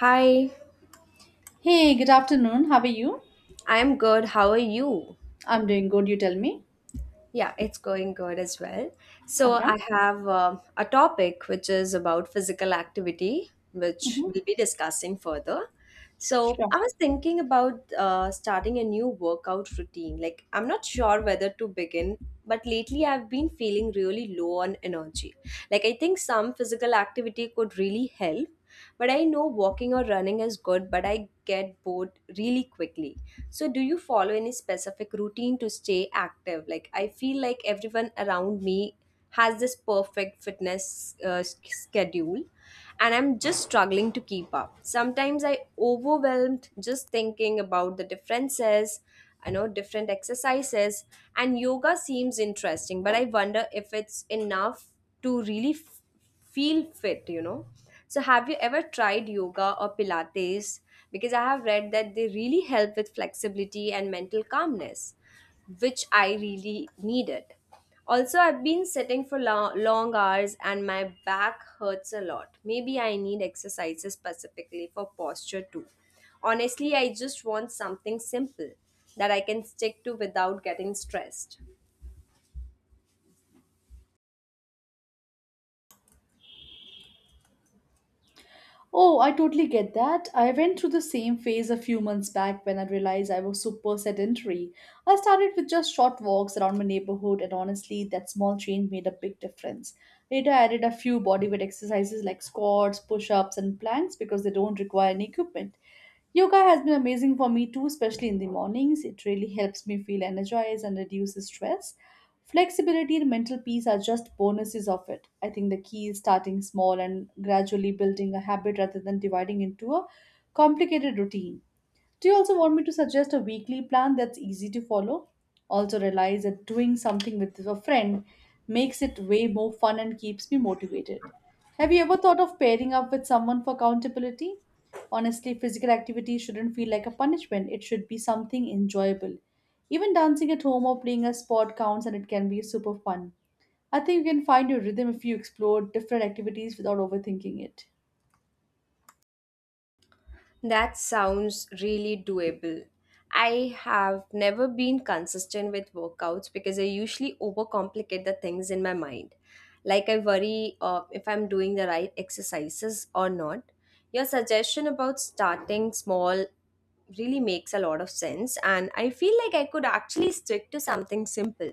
Hi, Hey, good afternoon. How are you? I'm good. How are you? I'm doing good. You tell me. Yeah, it's going good as well. So, Okay. I have a topic which is about physical activity, which we'll be discussing further. So, Sure. I was thinking about starting a new workout routine. Like, I'm not sure whether to begin, but lately I've been feeling really low on energy. Like, I think some physical activity could really help, but I know walking or running is good, but I get bored really quickly. So, do you follow any specific routine to stay active? Like, I feel like everyone around me has this perfect fitness schedule, and I'm just struggling to keep up. Sometimes I overwhelmed just thinking about the differences, different exercises, and yoga seems interesting, but I wonder if it's enough to really feel fit. So have you ever tried yoga or pilates? Because I have read that they really help with flexibility and mental calmness, which I really needed. Also, I've been sitting for long hours, and my back hurts a lot. Maybe I need exercises specifically for posture too. Honestly, I just want something simple that I can stick to without getting stressed. Oh, I totally get that. I went through the same phase a few months back when I realized I was super sedentary. I started with just short walks around my neighborhood, and honestly, that small change made a big difference. Later, I added a few bodyweight exercises like squats, push ups, and planks because they don't require any equipment. Yoga has been amazing for me too, especially in the mornings. It really helps me feel energized and reduces stress. Flexibility and mental peace are just bonuses of it. I think the key is starting small and gradually building a habit rather than dividing into a complicated routine. Do you also want me to suggest a weekly plan that's easy to follow? Also, realize that doing something with a friend makes it way more fun and keeps me motivated. Have you ever thought of pairing up with someone for accountability? Honestly, physical activity shouldn't feel like a punishment, it should be something enjoyable. Even dancing at home or playing a sport counts, and it can be super fun. I think you can find your rhythm if you explore different activities without overthinking it. That sounds really doable. I have never been consistent with workouts because I usually overcomplicate the things in my mind. Like, I worry if I'm doing the right exercises or not. Your suggestion about starting small really makes a lot of sense, and I feel like I could actually stick to something simple.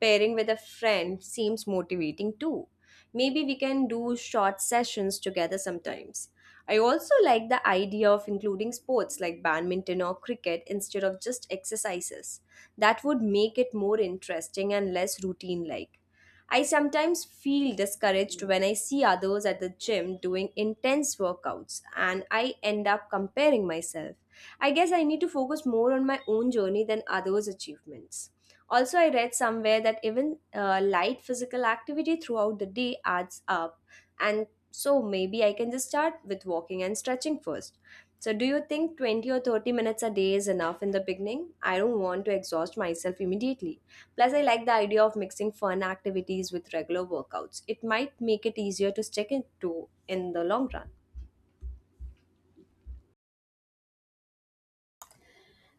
Pairing with a friend seems motivating too. Maybe we can do short sessions together sometimes. I also like the idea of including sports like badminton or cricket instead of just exercises. That would make it more interesting and less routine like. I sometimes feel discouraged when I see others at the gym doing intense workouts and I end up comparing myself. I guess I need to focus more on my own journey than others' achievements. Also, I read somewhere that even light physical activity throughout the day adds up, and so maybe I can just start with walking and stretching first. So, do you think 20 or 30 minutes a day is enough in the beginning? I don't want to exhaust myself immediately. Plus, I like the idea of mixing fun activities with regular workouts. It might make it easier to stick it to in the long run.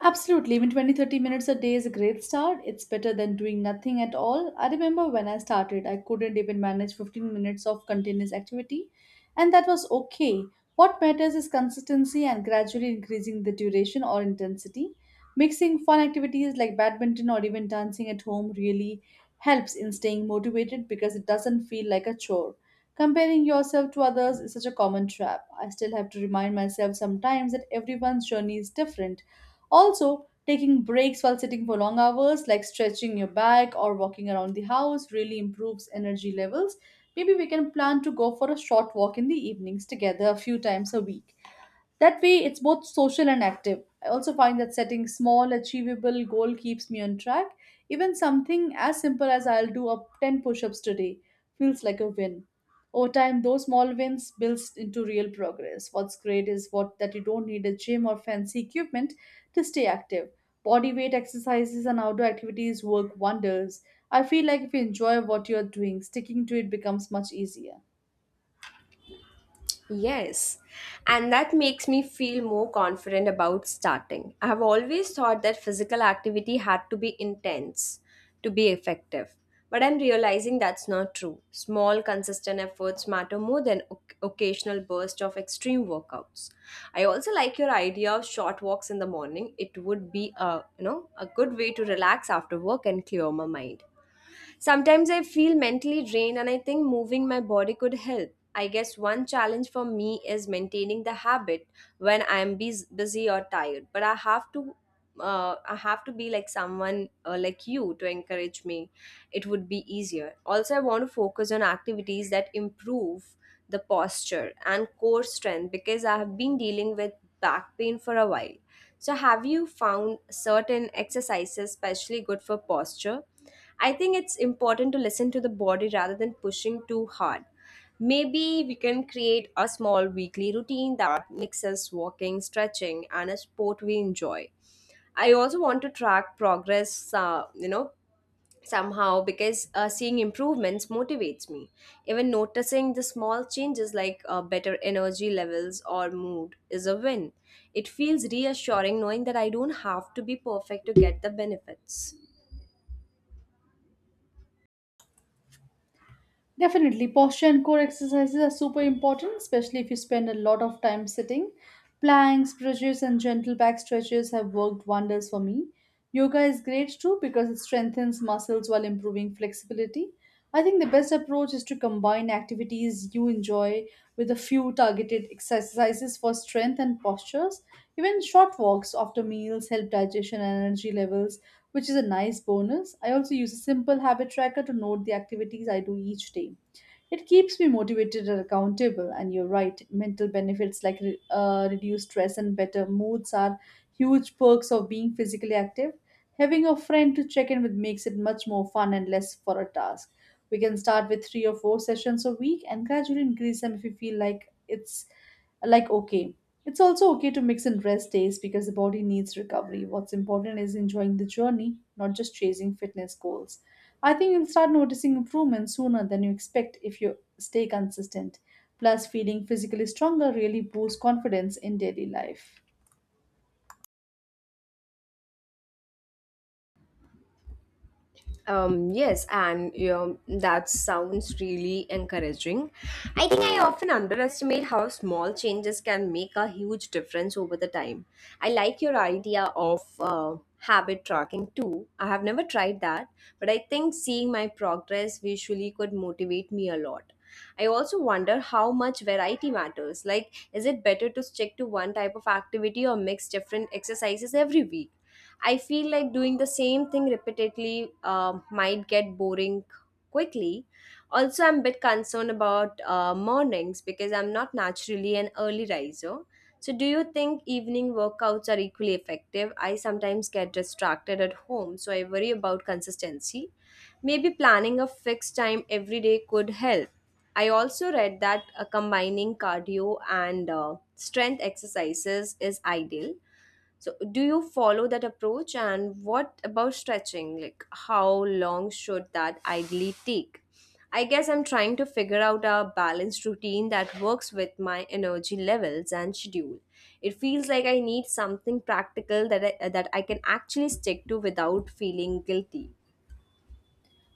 Absolutely, even 20-30 minutes a day is a great start. It's better than doing nothing at all. I remember when I started, I couldn't even manage 15 minutes of continuous activity, and that was okay. What matters is consistency and gradually increasing the duration or intensity. Mixing fun activities like badminton or even dancing at home really helps in staying motivated because it doesn't feel like a chore. Comparing yourself to others is such a common trap. I still have to remind myself sometimes that everyone's journey is different. Also, taking breaks while sitting for long hours, like stretching your back or walking around the house, really improves energy levels. Maybe we can plan to go for a short walk in the evenings together a few times a week. That way, it's both social and active. I also find that setting small, achievable goal keeps me on track. Even something as simple as I'll do up 10 push-ups today feels like a win. Over time, those small wins builds into real progress. What's great is what that you don't need a gym or fancy equipment to stay active. Body weight exercises and outdoor activities work wonders. I feel like if you enjoy what you're doing, sticking to it becomes much easier. Yes, and that makes me feel more confident about starting. I have always thought that physical activity had to be intense to be effective, but I'm realizing that's not true. Small, consistent efforts matter more than occasional bursts of extreme workouts. I also like your idea of short walks in the morning. It would be a good way to relax after work and clear my mind. Sometimes I feel mentally drained and I think moving my body could help. I guess one challenge for me is maintaining the habit when I am busy or tired, but I have to be like someone like you to encourage me. It would be easier. Also, I want to focus on activities that improve the posture and core strength because I have been dealing with back pain for a while. So, have you found certain exercises especially good for posture? I think it's important to listen to the body rather than pushing too hard. Maybe we can create a small weekly routine that mixes walking, stretching, and a sport we enjoy. I also want to track progress, somehow, because seeing improvements motivates me. Even noticing the small changes like better energy levels or mood is a win. It feels reassuring knowing that I don't have to be perfect to get the benefits. Definitely, posture and core exercises are super important, especially if you spend a lot of time sitting. Planks, stretches, and gentle back stretches have worked wonders for me. Yoga is great too because it strengthens muscles while improving flexibility. I think the best approach is to combine activities you enjoy with a few targeted exercises for strength and postures. Even short walks after meals help digestion and energy levels, which is a nice bonus. I also use a simple habit tracker to note the activities I do each day. It keeps me motivated and accountable, and you're right, mental benefits like reduced stress and better moods are huge perks of being physically active. Having a friend to check in with makes it much more fun and less for a task. We can start with three or four sessions a week and gradually increase them if you feel like it's like okay. It's also okay to mix in rest days because the body needs recovery. What's important is enjoying the journey, not just chasing fitness goals. I think you'll start noticing improvements sooner than you expect if you stay consistent. Plus, feeling physically stronger really boosts confidence in daily life. Yes, and that sounds really encouraging. I think I often underestimate how small changes can make a huge difference over the time. I like your idea of habit tracking too. I have never tried that, but I think seeing my progress visually could motivate me a lot. I also wonder how much variety matters. Like, is it better to stick to one type of activity or mix different exercises every week? I feel like doing the same thing repeatedly might get boring quickly. Also, I'm a bit concerned about mornings because I'm not naturally an early riser. So, do you think evening workouts are equally effective? I sometimes get distracted at home, so I worry about consistency. Maybe planning a fixed time every day could help. I also read that combining cardio and strength exercises is ideal. So, do you follow that approach? And what about stretching? Like, how long should that ideally take? I guess I'm trying to figure out a balanced routine that works with my energy levels and schedule. It feels like I need something practical that I can actually stick to without feeling guilty.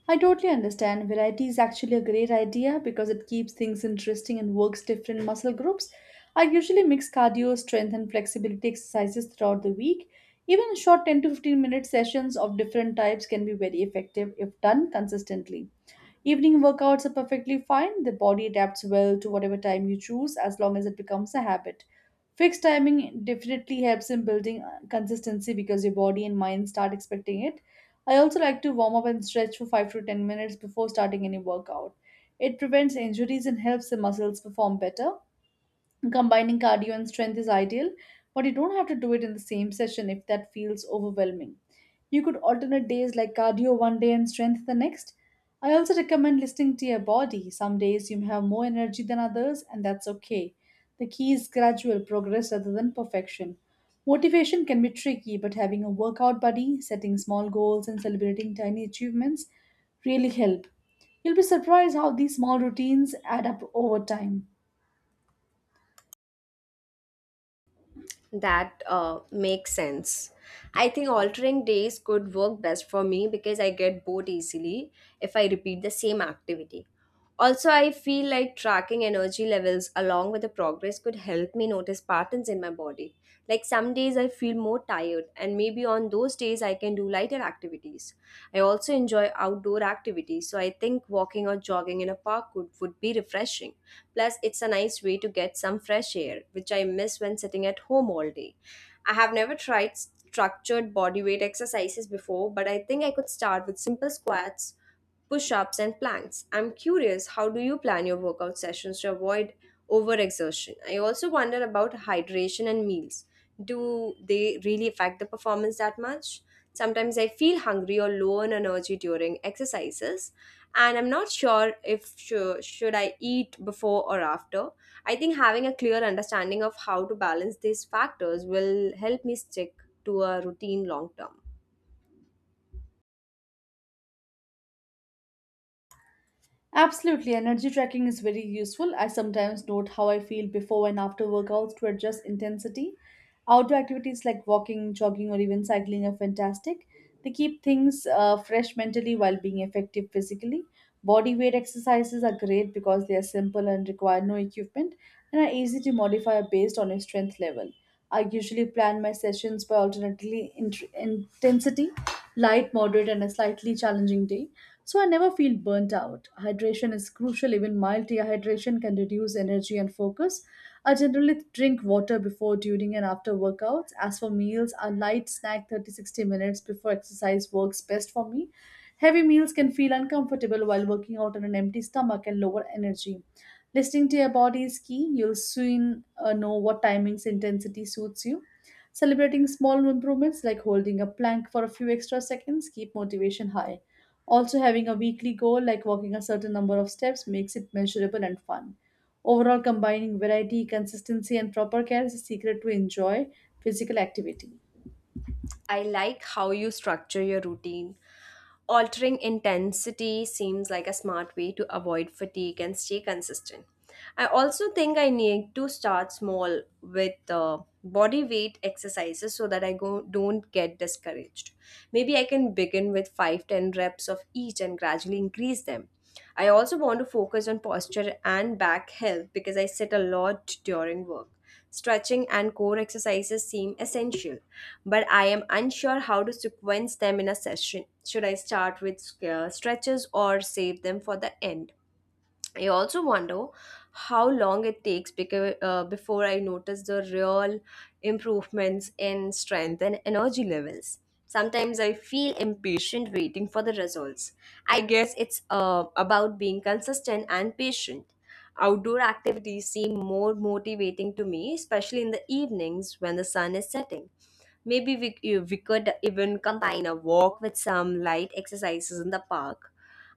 I totally understand. Variety is actually a great idea because it keeps things interesting and works different muscle groups. I usually mix cardio, strength, and flexibility exercises throughout the week. Even short 10 to 15 minute sessions of different types can be very effective if done consistently. Evening workouts are perfectly fine. The body adapts well to whatever time you choose as long as it becomes a habit. Fixed timing definitely helps in building consistency because your body and mind start expecting it. I also like to warm up and stretch for 5 to 10 minutes before starting any workout. It prevents injuries and helps the muscles perform better. Combining cardio and strength is ideal, but you don't have to do it in the same session if that feels overwhelming. You could alternate days like cardio one day and strength the next. I also recommend listening to your body. Some days you may have more energy than others, and that's okay. The key is gradual progress rather than perfection. Motivation can be tricky, but having a workout buddy, setting small goals, and celebrating tiny achievements really help. You'll be surprised how these small routines add up over time. That makes sense. I think altering days could work best for me because I get bored easily if I repeat the same activity. Also, I feel like tracking energy levels along with the progress could help me notice patterns in my body. Like, some days I feel more tired, and maybe on those days I can do lighter activities. I also enjoy outdoor activities, so I think walking or jogging in a park would be refreshing. Plus, it's a nice way to get some fresh air, which I miss when sitting at home all day. I have never tried structured bodyweight exercises before, but I think I could start with simple squats, push ups, and planks. I'm curious, how do you plan your workout sessions to avoid overexertion? I also wonder about hydration and meals. Do they really affect the performance that much? Sometimes I feel hungry or low on energy during exercises, and I'm not sure if should I eat before or after. I think having a clear understanding of how to balance these factors will help me stick to a routine long term. Absolutely, energy tracking is very useful. I sometimes note how I feel before and after workouts to adjust intensity. Outdoor activities like walking, jogging, or even cycling are fantastic. They keep things fresh mentally while being effective physically. Body weight exercises are great because they are simple and require no equipment and are easy to modify based on your strength level. I usually plan my sessions by intensity, light, moderate, and a slightly challenging day. So I never feel burnt out. Hydration is crucial. Even mild dehydration can reduce energy and focus. I generally drink water before, during, and after workouts. As for meals, a light snack 30-60 minutes before exercise works best for me. Heavy meals can feel uncomfortable while working out on an empty stomach and lower energy. Listening to your body is key. You'll soon know what timings intensity suits you. Celebrating small improvements like holding a plank for a few extra seconds keep motivation high. Also, having a weekly goal like walking a certain number of steps makes it measurable and fun. Overall, combining variety, consistency, and proper care is the secret to enjoy physical activity. I like how you structure your routine. Altering intensity seems like a smart way to avoid fatigue and stay consistent. I also think I need to start small with body weight exercises so that don't get discouraged. Maybe I can begin with 5 to 10 reps of each and gradually increase them. I also want to focus on posture and back health because I sit a lot during work stretching, and core exercises seem essential, but I am unsure how to sequence them in a session. Should I start with stretches or save them for the end? I also wonder how long it takes because, before I notice the real improvements in strength and energy levels. Sometimes I feel impatient waiting for the results. I guess it's about being consistent and patient. Outdoor activities seem more motivating to me, especially in the evenings when the sun is setting. Maybe we could even combine a walk with some light exercises in the park.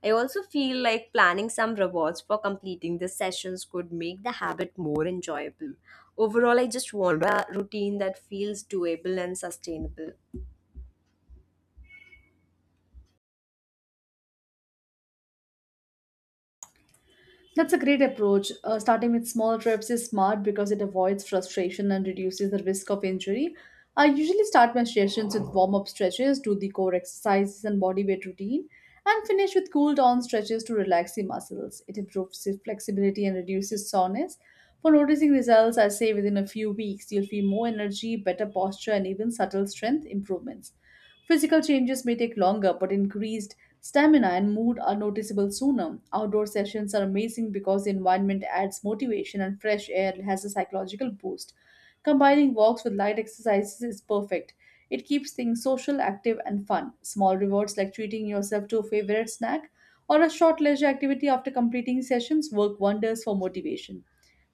I also feel like planning some rewards for completing the sessions could make the habit more enjoyable. Overall, I just want a routine that feels doable and sustainable. That's a great approach. Starting with small reps is smart because it avoids frustration and reduces the risk of injury. I usually start my sessions with warm up stretches, do the core exercises and body weight routine, and finish with cool down stretches to relax the muscles. It improves flexibility and reduces soreness. For noticing results, I say within a few weeks, you'll feel more energy, better posture, and even subtle strength improvements. Physical changes may take longer, but increased stamina and mood are noticeable sooner. Outdoor sessions are amazing because the environment adds motivation and fresh air has a psychological boost. Combining walks with light exercises is perfect. It keeps things social, active, and fun. Small rewards like treating yourself to a favorite snack or a short leisure activity after completing sessions work wonders for motivation.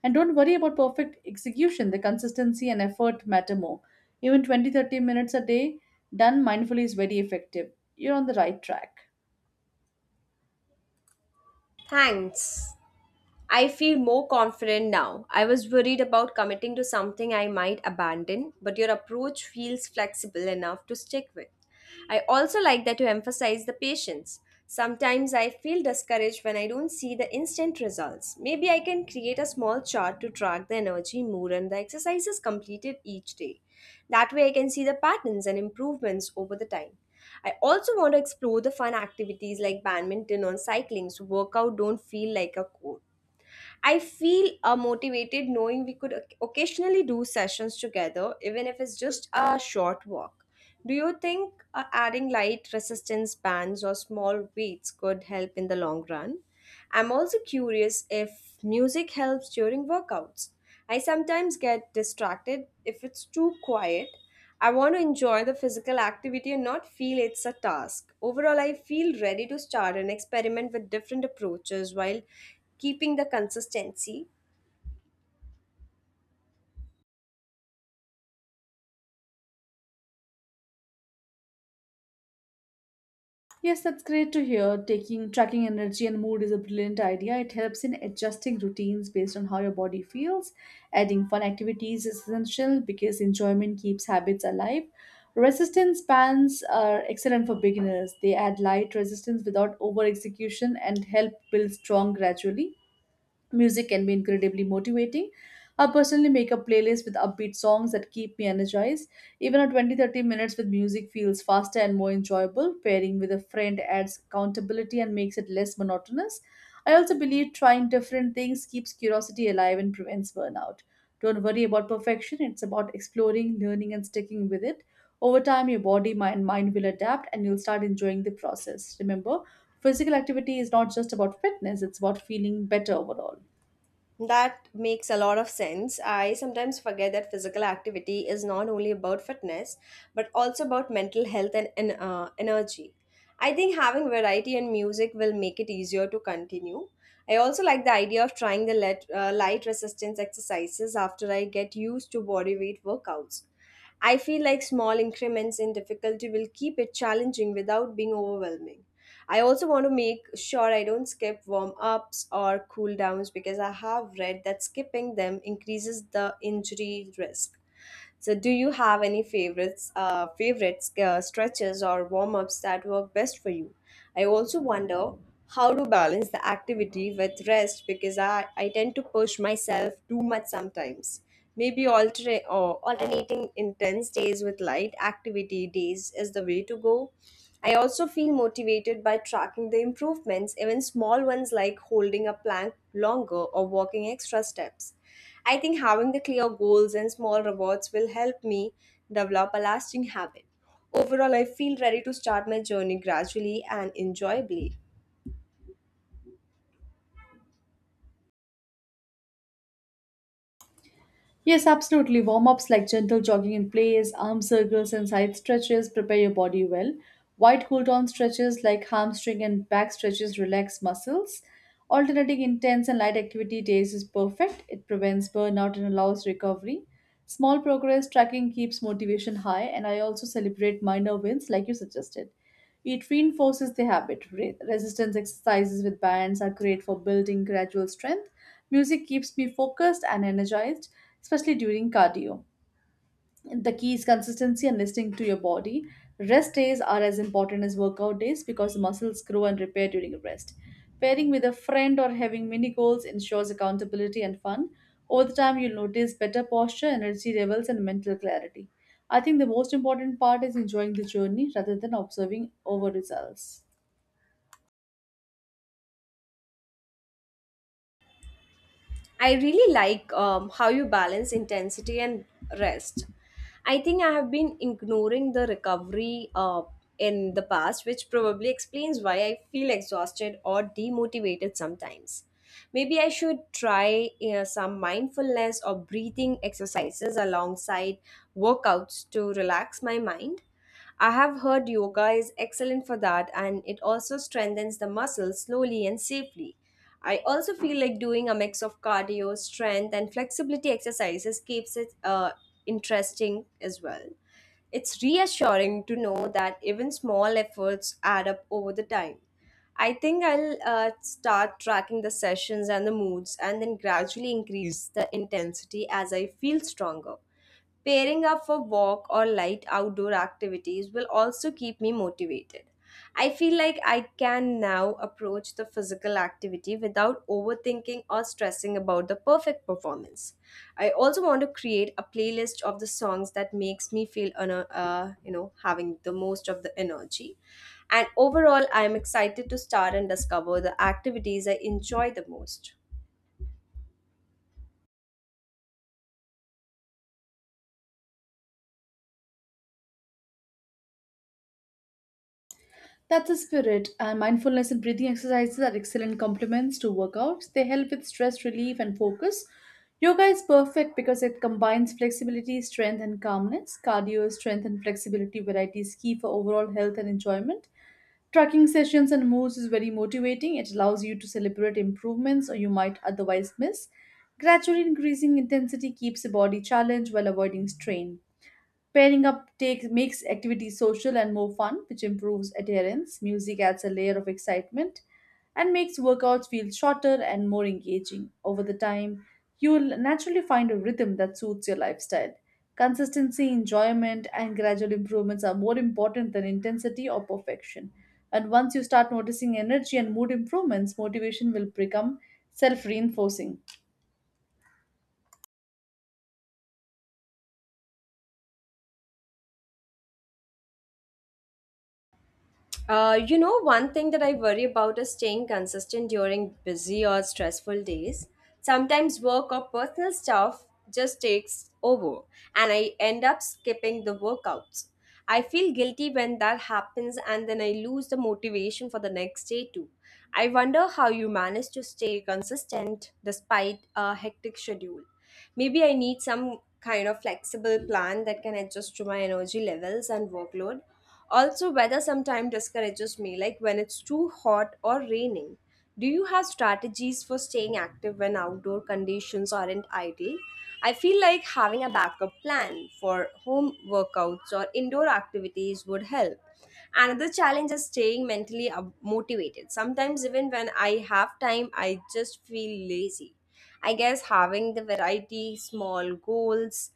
And don't worry about perfect execution, the consistency and effort matter more. Even 20, 30 minutes a day done mindfully is very effective. You're on the right track. Thanks. I feel more confident now. I was worried about committing to something I might abandon, but your approach feels flexible enough to stick with. I also like that you emphasize the patience. Sometimes I feel discouraged when I don't see the instant results. Maybe I can create a small chart to track the energy, mood, and the exercises completed each day. That way, I can see the patterns and improvements over the time. I also want to explore the fun activities like badminton or cycling so workout don't feel like a chore. I feel motivated knowing we could occasionally do sessions together, even if it's just a short walk. Do you think adding light resistance bands or small weights could help in the long run? I'm also curious if music helps during workouts. I sometimes get distracted if it's too quiet. I want to enjoy the physical activity and not feel it's a task. Overall, I feel ready to start and experiment with different approaches while keeping the consistency. Yes, that's great to hear. Taking tracking energy and mood is a brilliant idea. It helps in adjusting routines based on how your body feels. Adding fun activities is essential because enjoyment keeps habits alive. Resistance bands are excellent for beginners. They add light resistance without over execution and help build strong gradually. Music can be incredibly motivating. I personally make a playlist with upbeat songs that keep me energized. Even a 20-30 minutes with music feels faster and more enjoyable. Pairing with a friend adds accountability and makes it less monotonous. I also believe trying different things keeps curiosity alive and prevents burnout. Don't worry about perfection, it's about exploring, learning, and sticking with it. Over time, your body, mind will adapt and you'll start enjoying the process. Remember, physical activity is not just about fitness, it's about feeling better overall. That makes a lot of sense. I sometimes forget that physical activity is not only about fitness, but also about mental health and, energy. I think having variety and music will make it easier to continue. I also like the idea of trying the light resistance exercises after I get used to body weight workouts. I feel like small increments in difficulty will keep it challenging without being overwhelming. I also want to make sure I don't skip warm ups or cool downs because I have read that skipping them increases the injury risk. So, do you have any favorites, stretches or warm ups that work best for you? I also wonder how to balance the activity with rest because I tend to push myself too much sometimes. Maybe alternating intense days with light activity days is the way to go. I also feel motivated by tracking the improvements, even small ones like holding a plank longer or walking extra steps. I think having the clear goals and small rewards will help me develop a lasting habit. Overall, I feel ready to start my journey gradually and enjoyably. Yes, absolutely. Warm ups like gentle jogging in place, arm circles, and side stretches prepare your body well. Wide cool down stretches like hamstring and back stretches relax muscles. Alternating intense and light activity days is perfect. It prevents burnout and allows recovery. Small progress tracking keeps motivation high, and I also celebrate minor wins like you suggested. It reinforces the habit. Re- resistance exercises with bands are great for building gradual strength. Music keeps me focused and energized, especially during cardio. The key is consistency and listening to your body. Rest days are as important as workout days because muscles grow and repair during rest. Pairing with a friend or having mini goals ensures accountability and fun. Over the time, you'll notice better posture, energy levels, and mental clarity. I think the most important part is enjoying the journey rather than observing over results. I really like how you balance intensity and rest. I think I have been ignoring the recovery in the past, which probably explains why I feel exhausted or demotivated sometimes. Maybe I should try some mindfulness or breathing exercises alongside workouts to relax my mind. I have heard yoga is excellent for that, and it also strengthens the muscles slowly and safely. I also feel like doing a mix of cardio, strength, and flexibility exercises keeps it interesting as well. It's reassuring to know that even small efforts add up over the time. I think I'll start tracking the sessions and the moods and then gradually increase the intensity as I feel stronger. Pairing up for walk or light outdoor activities will also keep me motivated. I feel like I can now approach the physical activity without overthinking or stressing about the perfect performance. I also want to create a playlist of the songs that makes me feel having the most of the energy. And overall, I am excited to start and discover the activities I enjoy the most. That's the spirit. And mindfulness and breathing exercises are excellent complements to workouts. They help with stress relief and focus. Yoga is perfect because it combines flexibility, strength, and calmness. Cardio, strength, and flexibility variety is key for overall health and enjoyment. Tracking sessions and moves is very motivating. It allows you to celebrate improvements or you might otherwise miss. Gradually increasing intensity keeps the body challenged while avoiding strain. Pairing up takes makes activities social and more fun, which improves adherence. Music adds a layer of excitement and makes workouts feel shorter and more engaging. Over the time, you'll naturally find a rhythm that suits your lifestyle. Consistency, enjoyment, and gradual improvements are more important than intensity or perfection. And once you start noticing energy and mood improvements, motivation will become self reinforcing. One thing that I worry about is staying consistent during busy or stressful days. Sometimes work or personal stuff just takes over, and I end up skipping the workouts. I feel guilty when that happens, and then I lose the motivation for the next day, too. I wonder how you manage to stay consistent despite a hectic schedule. Maybe I need some kind of flexible plan that can adjust to my energy levels and workload. Also, weather sometimes discourages me, like when it's too hot or raining. Do you have strategies for staying active when outdoor conditions aren't ideal? I feel like having a backup plan for home workouts or indoor activities would help. Another challenge is staying motivated. Sometimes, even when I have time, I just feel lazy. I guess having the variety, small goals,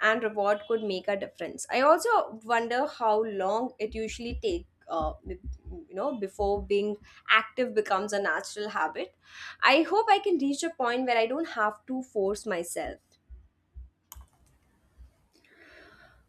and reward could make a difference. I also wonder how long it usually take. Before being active becomes a natural habit, I hope I can reach a point where I don't have to force myself.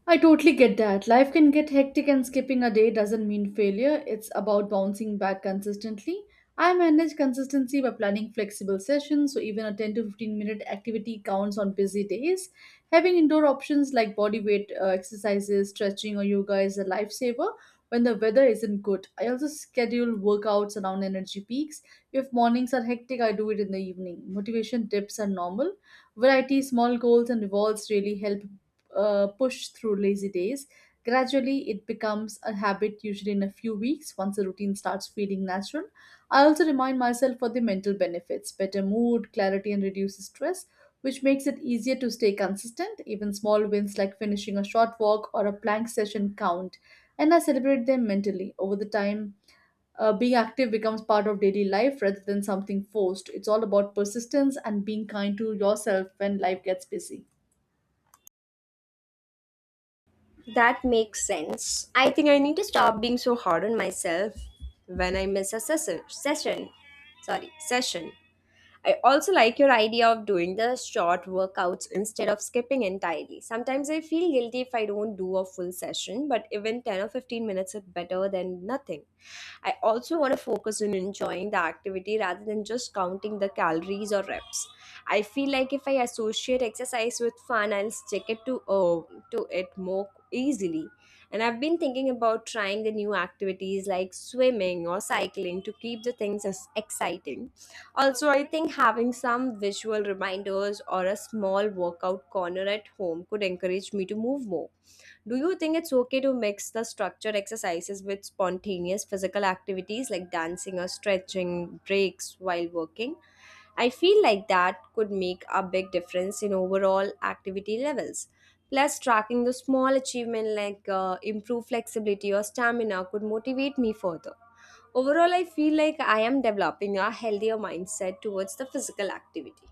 I totally get that. Life can get hectic, and skipping a day doesn't mean failure. It's about bouncing back consistently. I manage consistency by planning flexible sessions, so even a 10 to 15 minute activity counts on busy days. Having indoor options like body weight exercises, stretching, or yoga is a lifesaver when the weather isn't good. I also schedule workouts around energy peaks. If mornings are hectic, I do it in the evening. Motivation dips are normal. Variety, small goals, and rewards really help push through lazy days. Gradually, it becomes a habit, usually in a few weeks, once the routine starts feeling natural. I also remind myself for the mental benefits better mood, clarity, and reduces stress, which makes it easier to stay consistent. Even small wins like finishing a short walk or a plank session count, and I celebrate them mentally. Over the time, being active becomes part of daily life rather than something forced. It's all about persistence and being kind to yourself when life gets busy. That makes sense. I think I need to stop being so hard on myself when I miss a session, sorry, session. I also like your idea of doing the short workouts instead of skipping entirely. Sometimes I feel guilty if I don't do a full session, but even 10 or 15 minutes is better than nothing. I also want to focus on enjoying the activity rather than just counting the calories or reps. I feel like if I associate exercise with fun, I'll stick it to it more easily. And I've been thinking about trying the new activities like swimming or cycling to keep the things as exciting. Also, I think having some visual reminders or a small workout corner at home could encourage me to move more. Do you think it's okay to mix the structured exercises with spontaneous physical activities like dancing or stretching breaks while working? I feel like that could make a big difference in overall activity levels. Plus, tracking the small achievement like improved flexibility or stamina could motivate me further. Overall, I feel like I am developing a healthier mindset towards the physical activity.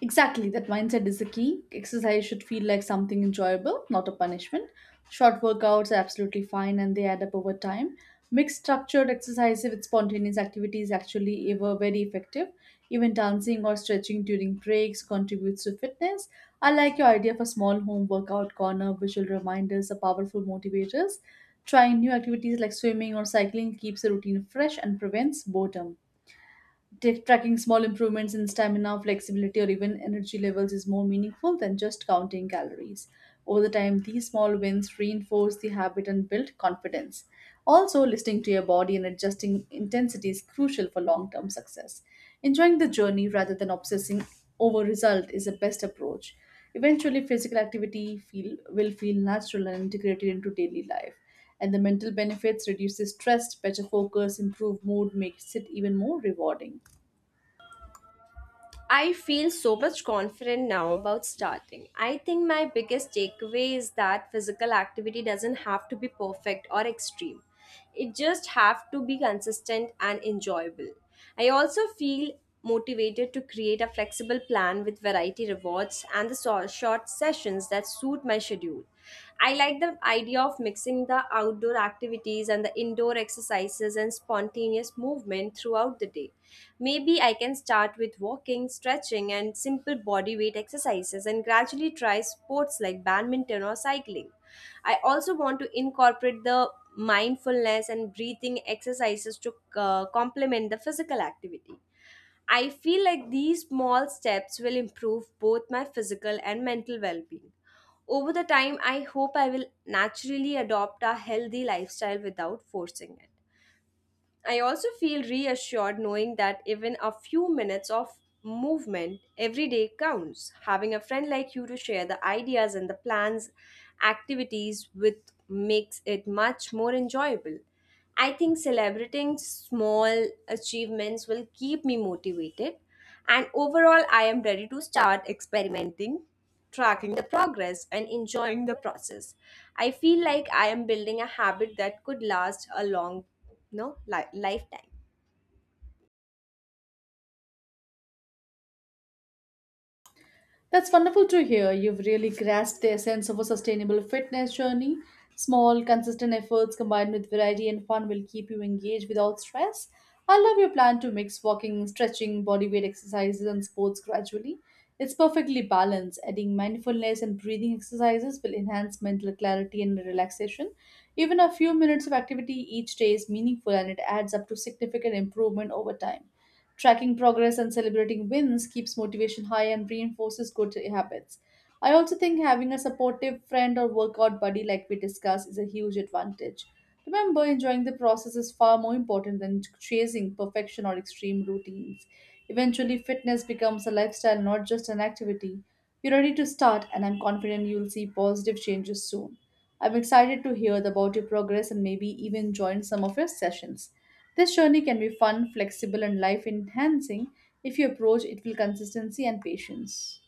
Exactly, that mindset is the key. Exercise should feel like something enjoyable, not a punishment. Short workouts are absolutely fine and they add up over time. Mixed structured exercise with spontaneous activities actually ever very effective. Even dancing or stretching during breaks contributes to fitness. I like your idea of a small home workout corner. Visual reminders are powerful motivators. Trying new activities like swimming or cycling keeps the routine fresh and prevents boredom. Tracking small improvements in stamina, flexibility, or even energy levels is more meaningful than just counting calories. Over the time, these small wins reinforce the habit and build confidence. Also, listening to your body and adjusting intensity is crucial for long term success. Enjoying the journey rather than obsessing over result is the best approach. Eventually, physical activity will feel natural and integrated into daily life. And the mental benefits reduces stress, better focus, improve mood, makes it even more rewarding. I feel so much confident now about starting. I think my biggest takeaway is that physical activity doesn't have to be perfect or extreme. It just have to be consistent and enjoyable. I also feel motivated to create a flexible plan with variety rewards and the short sessions that suit my schedule. I like the idea of mixing the outdoor activities and the indoor exercises and spontaneous movement throughout the day. Maybe I can start with walking, stretching, and simple body weight exercises and gradually try sports like badminton or cycling. I also want to incorporate the mindfulness and breathing exercises to complement the physical activity. I feel like these small steps will improve both my physical and mental well being. Over the time, I hope I will naturally adopt a healthy lifestyle without forcing it. I also feel reassured knowing that even a few minutes of movement every day counts. Having a friend like you to share the ideas and the plans, activities with, makes it much more enjoyable. I think celebrating small achievements will keep me motivated, and overall, I am ready to start experimenting, tracking the progress, and enjoying the process. I feel like I am building a habit that could last a long no li- lifetime. That's wonderful to hear. You've really grasped the essence of a sustainable fitness journey. Small, consistent efforts combined with variety and fun will keep you engaged without stress. I love your plan to mix walking, stretching, bodyweight exercises, and sports gradually. It's perfectly balanced. Adding mindfulness and breathing exercises will enhance mental clarity and relaxation. Even a few minutes of activity each day is meaningful and it adds up to significant improvement over time. Tracking progress and celebrating wins keeps motivation high and reinforces good habits. I also think having a supportive friend or workout buddy, like we discussed, is a huge advantage. Remember, enjoying the process is far more important than chasing perfection or extreme routines. Eventually, fitness becomes a lifestyle, not just an activity. You're ready to start, and I'm confident you'll see positive changes soon. I'm excited to hear about your progress and maybe even join some of your sessions. This journey can be fun, flexible, and life enhancing if you approach it with consistency and patience.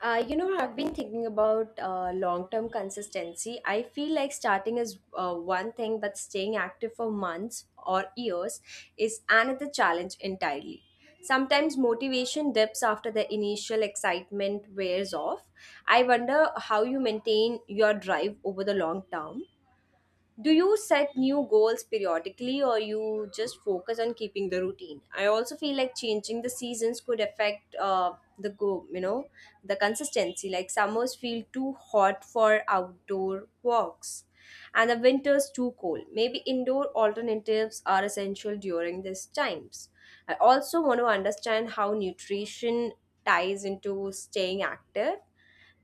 I've been thinking about long-term consistency. I feel like starting is one thing, but staying active for months or years is another challenge entirely. Sometimes motivation dips after the initial excitement wears off. I wonder how you maintain your drive over the long term. Do you set new goals periodically, or you just focus on keeping the routine? I also feel like changing the seasons could affect the go, you know, the consistency. Like summers feel too hot for outdoor walks and the winters too cold. Maybe indoor alternatives are essential during these times. I also want to understand how nutrition ties into staying active.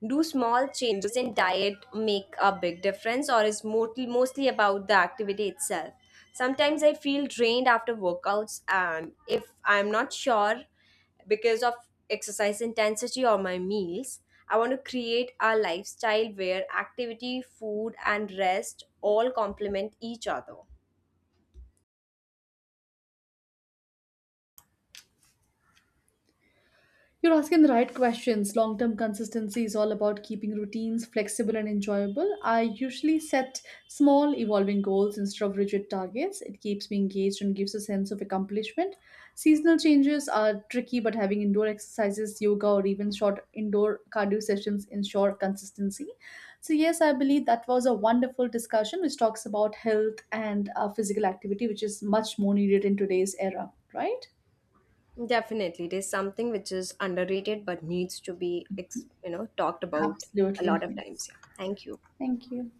Do small changes in diet make a big difference, or is mostly about the activity itself? Sometimes I feel drained after workouts, and if I'm not sure because of exercise intensity or my meals, I want to create a lifestyle where activity, food, and rest all complement each other. You're asking the right questions. Long term consistency is all about keeping routines flexible and enjoyable. I usually set small, evolving goals instead of rigid targets. It keeps me engaged and gives a sense of accomplishment. Seasonal changes are tricky, but having indoor exercises, yoga, or even short indoor cardio sessions ensure consistency. So, yes, I believe that was a wonderful discussion which talks about health and physical activity, which is much more needed in today's era, right? Definitely, it is something which is underrated but needs to be, talked about a Absolutely. lot of Yes. times. Yeah, thank you. Thank you.